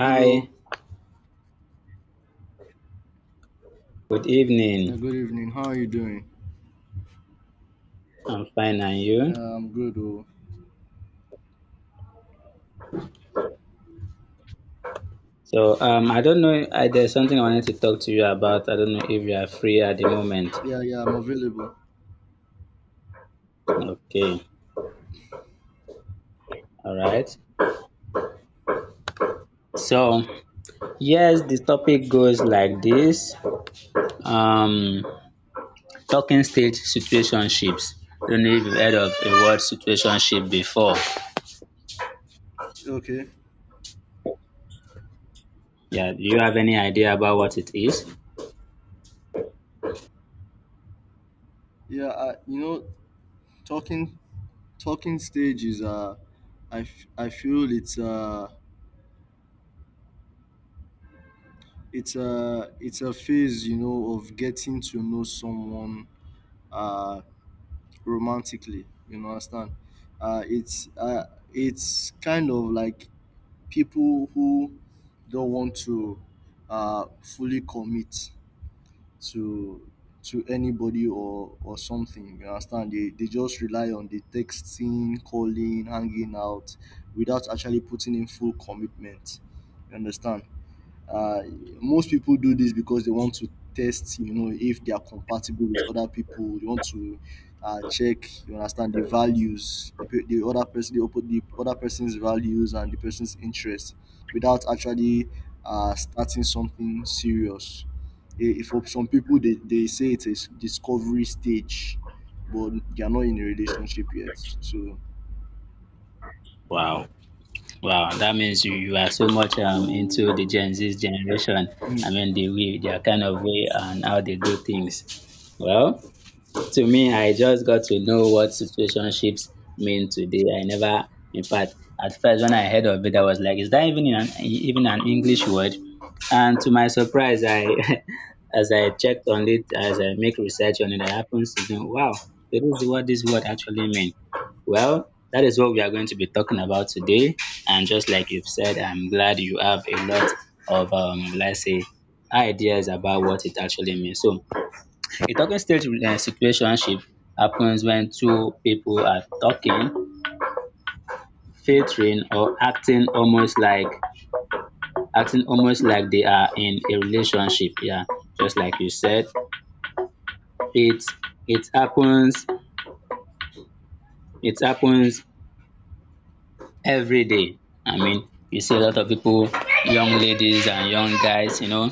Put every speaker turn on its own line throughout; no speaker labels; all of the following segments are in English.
Hello,
good evening.
yeah, good evening. How are you doing?
I'm fine, and you?
I'm good. Oh,
So, I don't know. There's something I wanted to talk to you about. I don't know if you are free at the moment.
yeah, yeah, I'm available.
Okay, all right. So, yes, the topic goes like this: um, talking stage situationships. I don't know if you've heard of the word situationship before.
Okay.
Yeah, do you have any idea about what it is?
Yeah, talking talking stage is I feel it's a it's a phase, you know, of getting to know someone uh romantically. You know, understand? It's it's kind of like people who don't want to fully commit to anybody or something, you understand, they just rely on the texting, calling, hanging out without actually putting in full commitment, you understand. uh, Most people do this because they want to test, you know, if they are compatible with other people. They want to check, you understand, the values, the other person, the other person's values and the person's interests, without actually starting something serious. For some people, they say it's a discovery stage, but they are not in a relationship yet. So.
Wow. Wow, that means you are so much, into the Gen Z generation. I
Mm.
mean, the way, their kind of way and how they do things. Well, to me, I just got to know what situationships mean today. I never, in fact, at first when I heard of it, I was like, is that even an English word? And to my surprise, I as I checked on it, as I make research on it, I happens to think, wow, that is what this word actually means. Well, that is what we are going to be talking about today. And just like you've said, I'm glad you have a lot of, let's say, ideas about what it actually means. So a talking stage, situationship happens when two people are talking, filtering or acting almost like they are in a relationship. Yeah, just like you said. It it happens it happens every day. I mean, you see a lot of people, young ladies and young guys,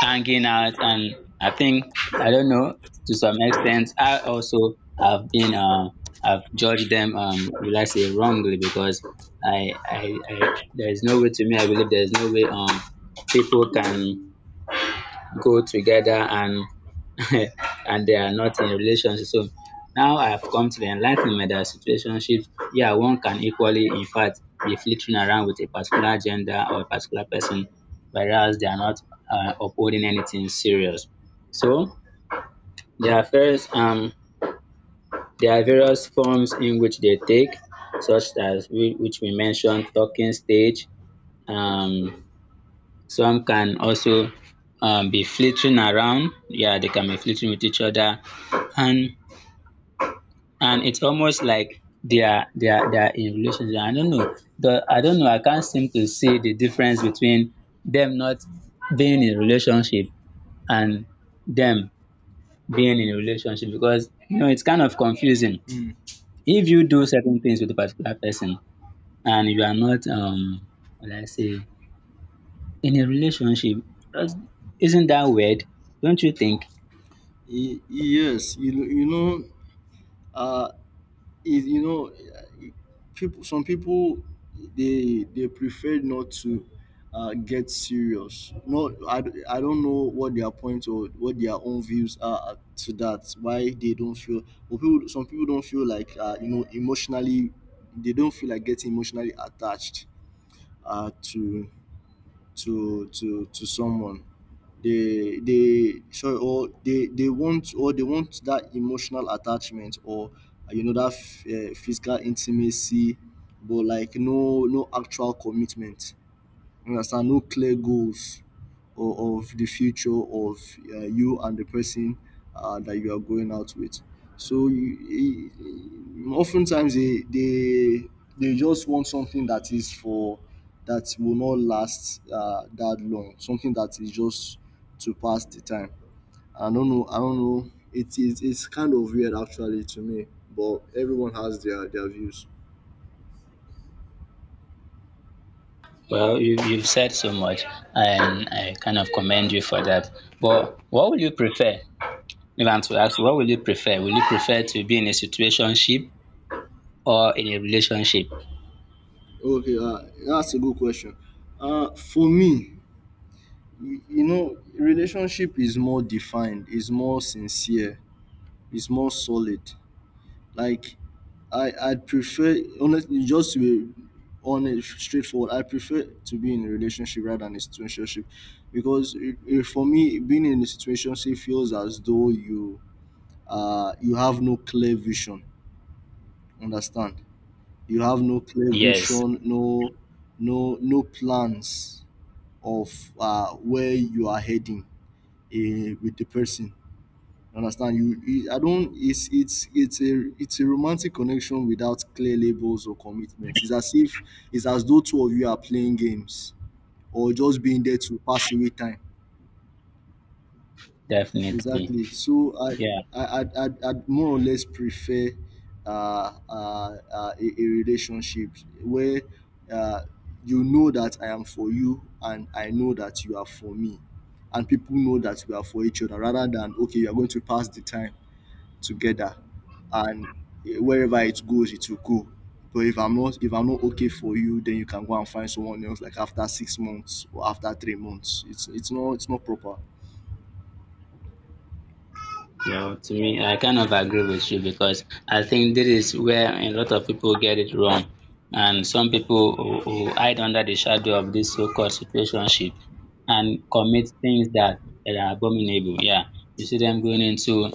hanging out, and I think, I don't know, to some extent I also have been I've judged them, will I say, wrongly, because I there is no way, to me I believe there is no way, people can go together and and they are not in a relationship. So now I've come to the enlightenment that situationships, yeah, one can equally, in fact, be flitting around with a particular gender or a particular person, whereas they are not, upholding anything serious. So, there are first, um, there are various forms in which they take, such as, which we mentioned, talking stage. Um, some can also, be flitting around. Yeah, they can be flitting with each other, and and it's almost like they are in relationship. I don't know. The I don't know. I can't seem to see the difference between them not being in relationship and them being in a relationship, because it's kind of confusing.
Mm.
If you do certain things with a particular person and you are not, what do I say, in a relationship, that's- isn't that weird? Don't you think?
Yes, you know, uh, is, you know, people some people, they prefer not to get serious. I don't know what their point or what their own views are, to that, why they don't feel. But people some people don't feel like, emotionally, they don't feel like getting emotionally attached to to someone. They want, or they want that emotional attachment or, you know, that physical intimacy, but like no actual commitment, you understand? No clear goals or of the future of, you and the person, that you are going out with. So you, oftentimes they just want something that is for that will not last that long. Something that is just to pass the time. I don't know. I don't know. It is. It's kind of weird, actually, to me. But everyone has their views.
Well, you've said so much, and I kind of commend you for that. But what would you prefer? If I'm to ask you, what will you prefer? Will you prefer to be in a situationship or in a relationship?
Okay, that's a good question. For me, you know, relationship is more defined, is more sincere, is more solid. Like, I prefer, honestly, just to be honest, straightforward. I prefer to be in a relationship rather than a situationship, because for me being in a situationship feels as though you, you have no clear vision, understand, you have no clear
Yes,
vision, no no plans of where you are heading, with the person. You understand, you I don't it's it's a romantic connection without clear labels or commitments. It's as if, it's as though, two of you are playing games or just being there to pass away time.
definitely.
Exactly. So
Yeah.
I'd more or less prefer a relationship where, uh, you know that I am for you and I know that you are for me, and people know that we are for each other, rather than okay, you are going to pass the time together, and wherever it goes it will go. But if I'm not okay for you, then you can go and find someone else, like after 6 months or after 3 months. It's it's not proper.
Yeah, to me, I kind of agree with you, because I think this is where a lot of people get it wrong. And some people who hide under the shadow of this so-called situationship and commit things that are abominable. Yeah. You see them going into,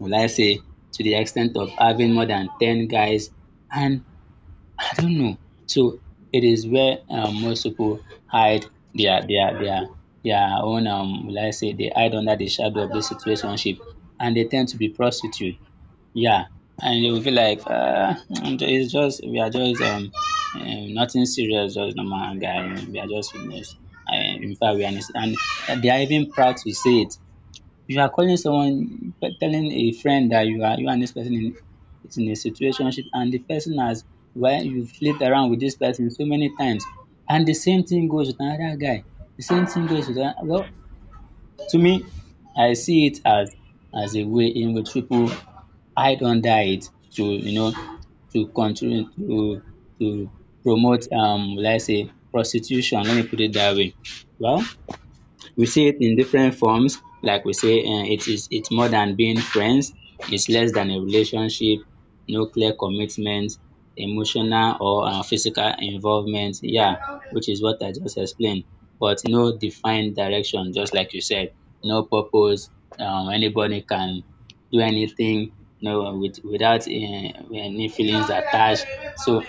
will I say, to the extent of having more than 10 guys, and I don't know. So it is where, most people hide their their their their own, will I say, they hide under the shadow of this situationship, and they tend to be prostitute. Yeah. And they will feel like, it's just, we are just, nothing serious, just normal guy. We are just, in fact we are, and they are even proud to say it. If you are calling someone, telling a friend that you are, you and this person is in a situationship, and the person has, while you flipped around with this person so many times, and the same thing goes with another guy, the same thing goes with another, well, to me, I see it as a way in which people hide under it to, to continue to promote, let's say, prostitution. Let me put it that way. Well, we see it in different forms. Like we say, it's more than being friends, it's less than a relationship, no clear commitment, emotional or, physical involvement. Yeah, which is what I just explained. But no defined direction, just like you said, no purpose. Anybody can do anything, without any feelings attached. So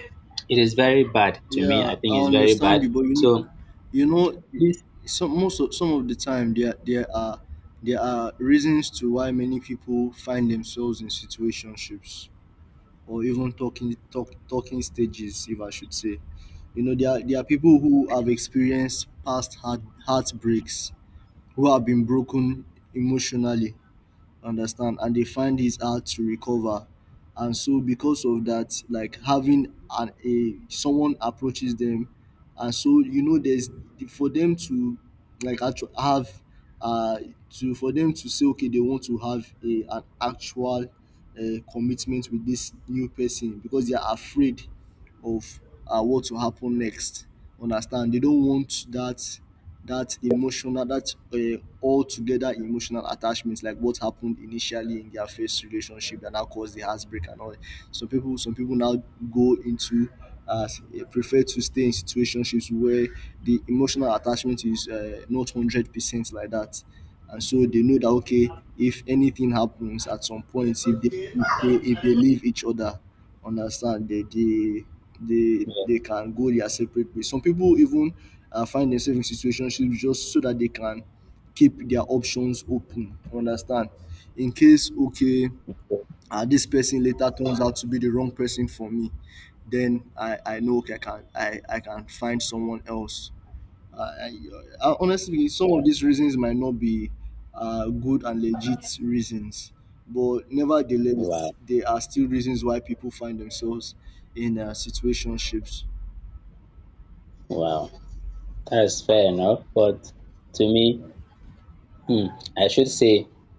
it is very bad to me.
Yeah,
I
I
think it's very
understand
bad.
you, but you know,
So
you know,
this
some most of, some of the time, there are reasons to why many people find themselves in situationships, or even talking stages, if I should say. You know, there are people who have experienced past heartbreaks, who have been broken emotionally, understand, and they find it hard to recover. And so because of that, like having an a someone approaches them, and so you know there's, for them to like actually have uh to for them to say okay, they want to have a an actual commitment with this new person because they are afraid of, what will happen next. Understand? They don't want that emotional, that, altogether emotional attachment, like what happened initially in their first relationship that now caused the heartbreak and all. Some people now go into, uh, prefer to stay in situationships where the emotional attachment is, not 100% like that, and so they know that okay, if anything happens at some point, if they leave each other, understand,
Yeah,
they can go their separate ways. Some people even find themselves in situationships just so that they can keep their options open. You understand? In case okay, this person later turns out to be the wrong person for me, then I know okay, I can, I can find someone else. I, I, Honestly, some of these reasons might not be good and legit reasons, but nevertheless,
wow.
they are still reasons why people find themselves in, situationships.
Wow, that's fair enough. But to me, hmm, I should say,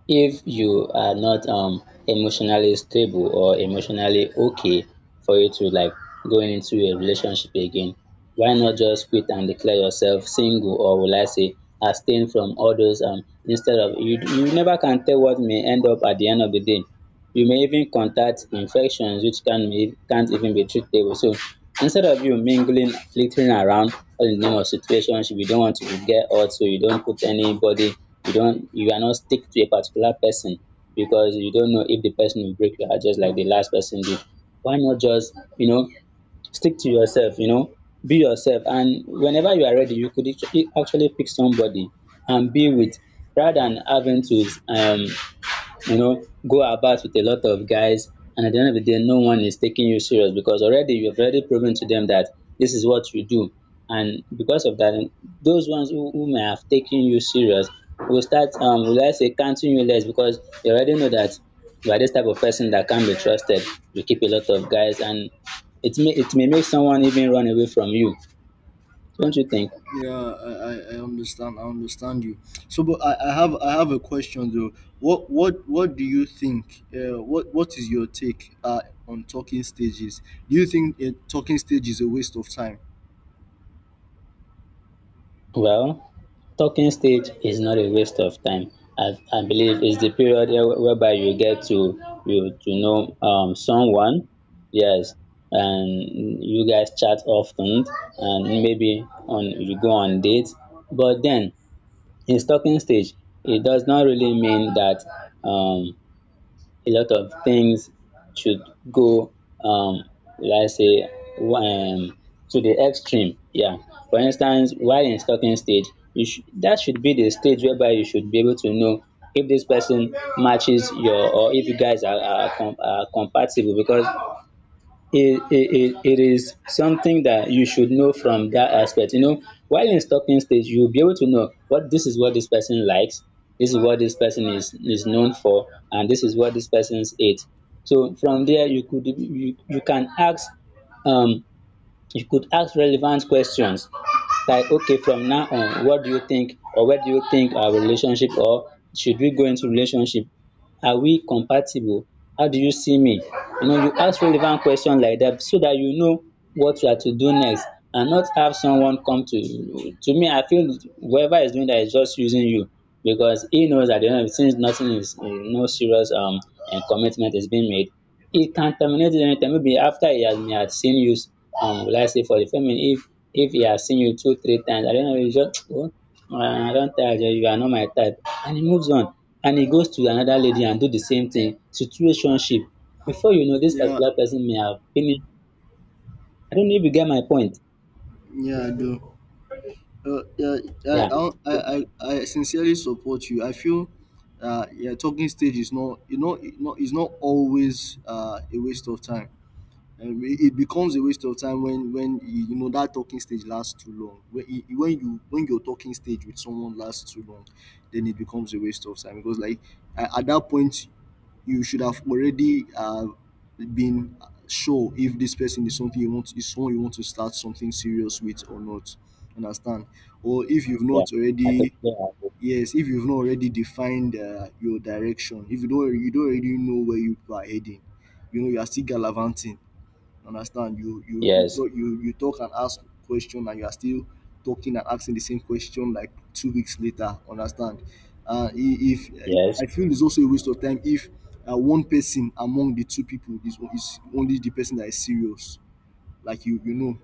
if you are not, emotionally stable or emotionally okay for you to like going into a relationship again, why not just quit and declare yourself single, or will I say, abstain from all those, instead of, you never can tell what may end up at the end of the day. You may even contact infections, which can't even be treatable. So instead of you mingling, flitting around all in the name of situationship, you don't want to be, get hurt, so you don't put anybody, you are not stick to a particular person because you don't know if the person will break your heart, just like the last person did. Why not just, stick to yourself, be yourself, and whenever you are ready, you could actually pick somebody and be with, rather than having to, you know, go about with a lot of guys, and at the end of the day, no one is taking you serious because already you've already proven to them that this is what you do. And because of that, those ones who may have taken you serious will start, will I say, counting you less, because they already know that you are this type of person that can be trusted. You keep a lot of guys, and it may make someone even run away from you. Don't you think?
Yeah, I understand. I understand you. So, but I have a question though. What do you think? What is your take, on talking stages? Do you think a talking stage is a waste of time?
Well, talking stage is not a waste of time. I believe it's the period whereby you get to, you to know, someone, yes, and you guys chat often, and maybe on you go on dates. But then, in talking stage, it does not really mean that, um a lot of things should go, um will I say, um to the extreme. Yeah, for instance, while in stalking stage, you should that should be the stage whereby you should be able to know if this person matches your, or if you guys are compatible, because it is something that you should know from that aspect. While in stalking stage, you'll be able to know what this person likes, this is what this person is known for, and this is what this person's ate. So from there, you can ask, um you could ask relevant questions, like okay, from now on, what do you think, or where do you think our relationship, or should we go into relationship, are we compatible, how do you see me? You know, you ask relevant question like that, so that you know what you are to do next, and not have someone come to you. To me, I feel whoever is doing that is just using you, because he knows at the end of the, since nothing is, no serious, and commitment is being made, e can terminate you anytime, maybe after he has seen you, will I say, for the family, if he has seen you two three times, I and den you just oh, I don tire, you are not my type, and he moves on, and he goes to another lady and do the same thing, situationship, before you know this
Yeah,
particular person may have finished. I don't know if you get my point.
yeah, I do. Yeah,
Yeah,
I sincerely support you. I feel, yeah, talking stage is not, you know, it's not always, a waste of time. It, it becomes a waste of time when you know that talking stage lasts too long, when it, when you when your talking stage with someone lasts too long, then it becomes a waste of time. Because like, at that point you should have already, been sure if this person is something you want, is someone you want to start something serious with or not, understand, or if you've
yeah,
not
I totally
already.
agree.
Yes, if you've not already defined, your direction. If you don't, already know where you are heading, you know, you are still gallivanting. Understand? You
Yes,
talk, you talk and ask question, and you are still talking and asking the same question like 2 weeks later. Understand? If
yes,
I feel it's also a waste of time if, one person among the two people is only the person that is serious, like you know.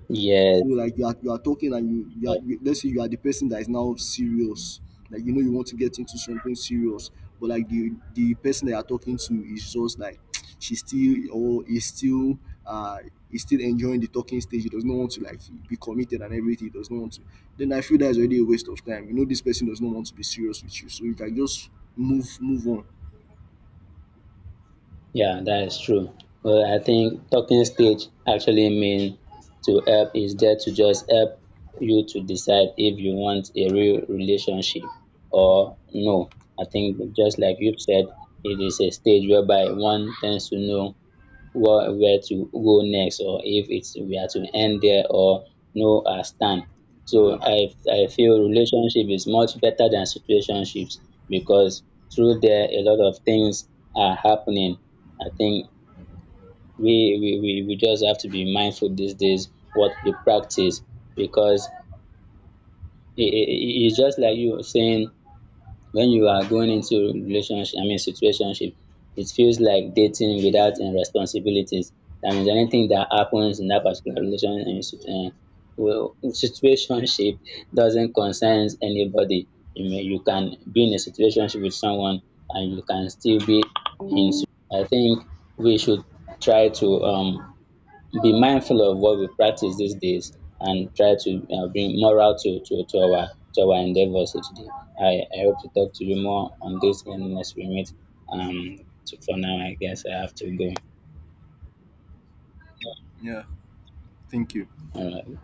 So
yes,
like you are talking and
yes.
you, let's say you are the person that is now serious, like you know you want to get into something serious, but like the person that you're talking to is just like she's still, or is still, uh is still enjoying the talking stage. He does not want to like be committed and everything. He does not want to. Then I feel that's already a waste of time. You know, this person does not want to be serious with you, so you can just move on,
Yeah, that is true. Well, I think talking stage actually mean, to help is there to just help you to decide if you want a real relationship or no. I think, just like you've said, it is a stage whereby one tends to know where to go next, or if it's we are to end there, or know our stand.
you
So
know?
I feel relationship is much better than situationships, because through there a lot of things are happening. I think we just have to be mindful these days what we practice, because it's just like you saying, when you are going into relationship, I mean situationship, it feels like dating without, responsibilities. That means anything that happens in that particular relation, well, situationship doesn't concern anybody. You can be in a situationship with someone, and you can still be in. I think we should try to, be mindful of what we practice these days, and try to, bring moral to our endeavors each day. I hope to talk to you more on this when next we meet. Um, so for now, I guess I have to go.
Yeah, thank you.
All right.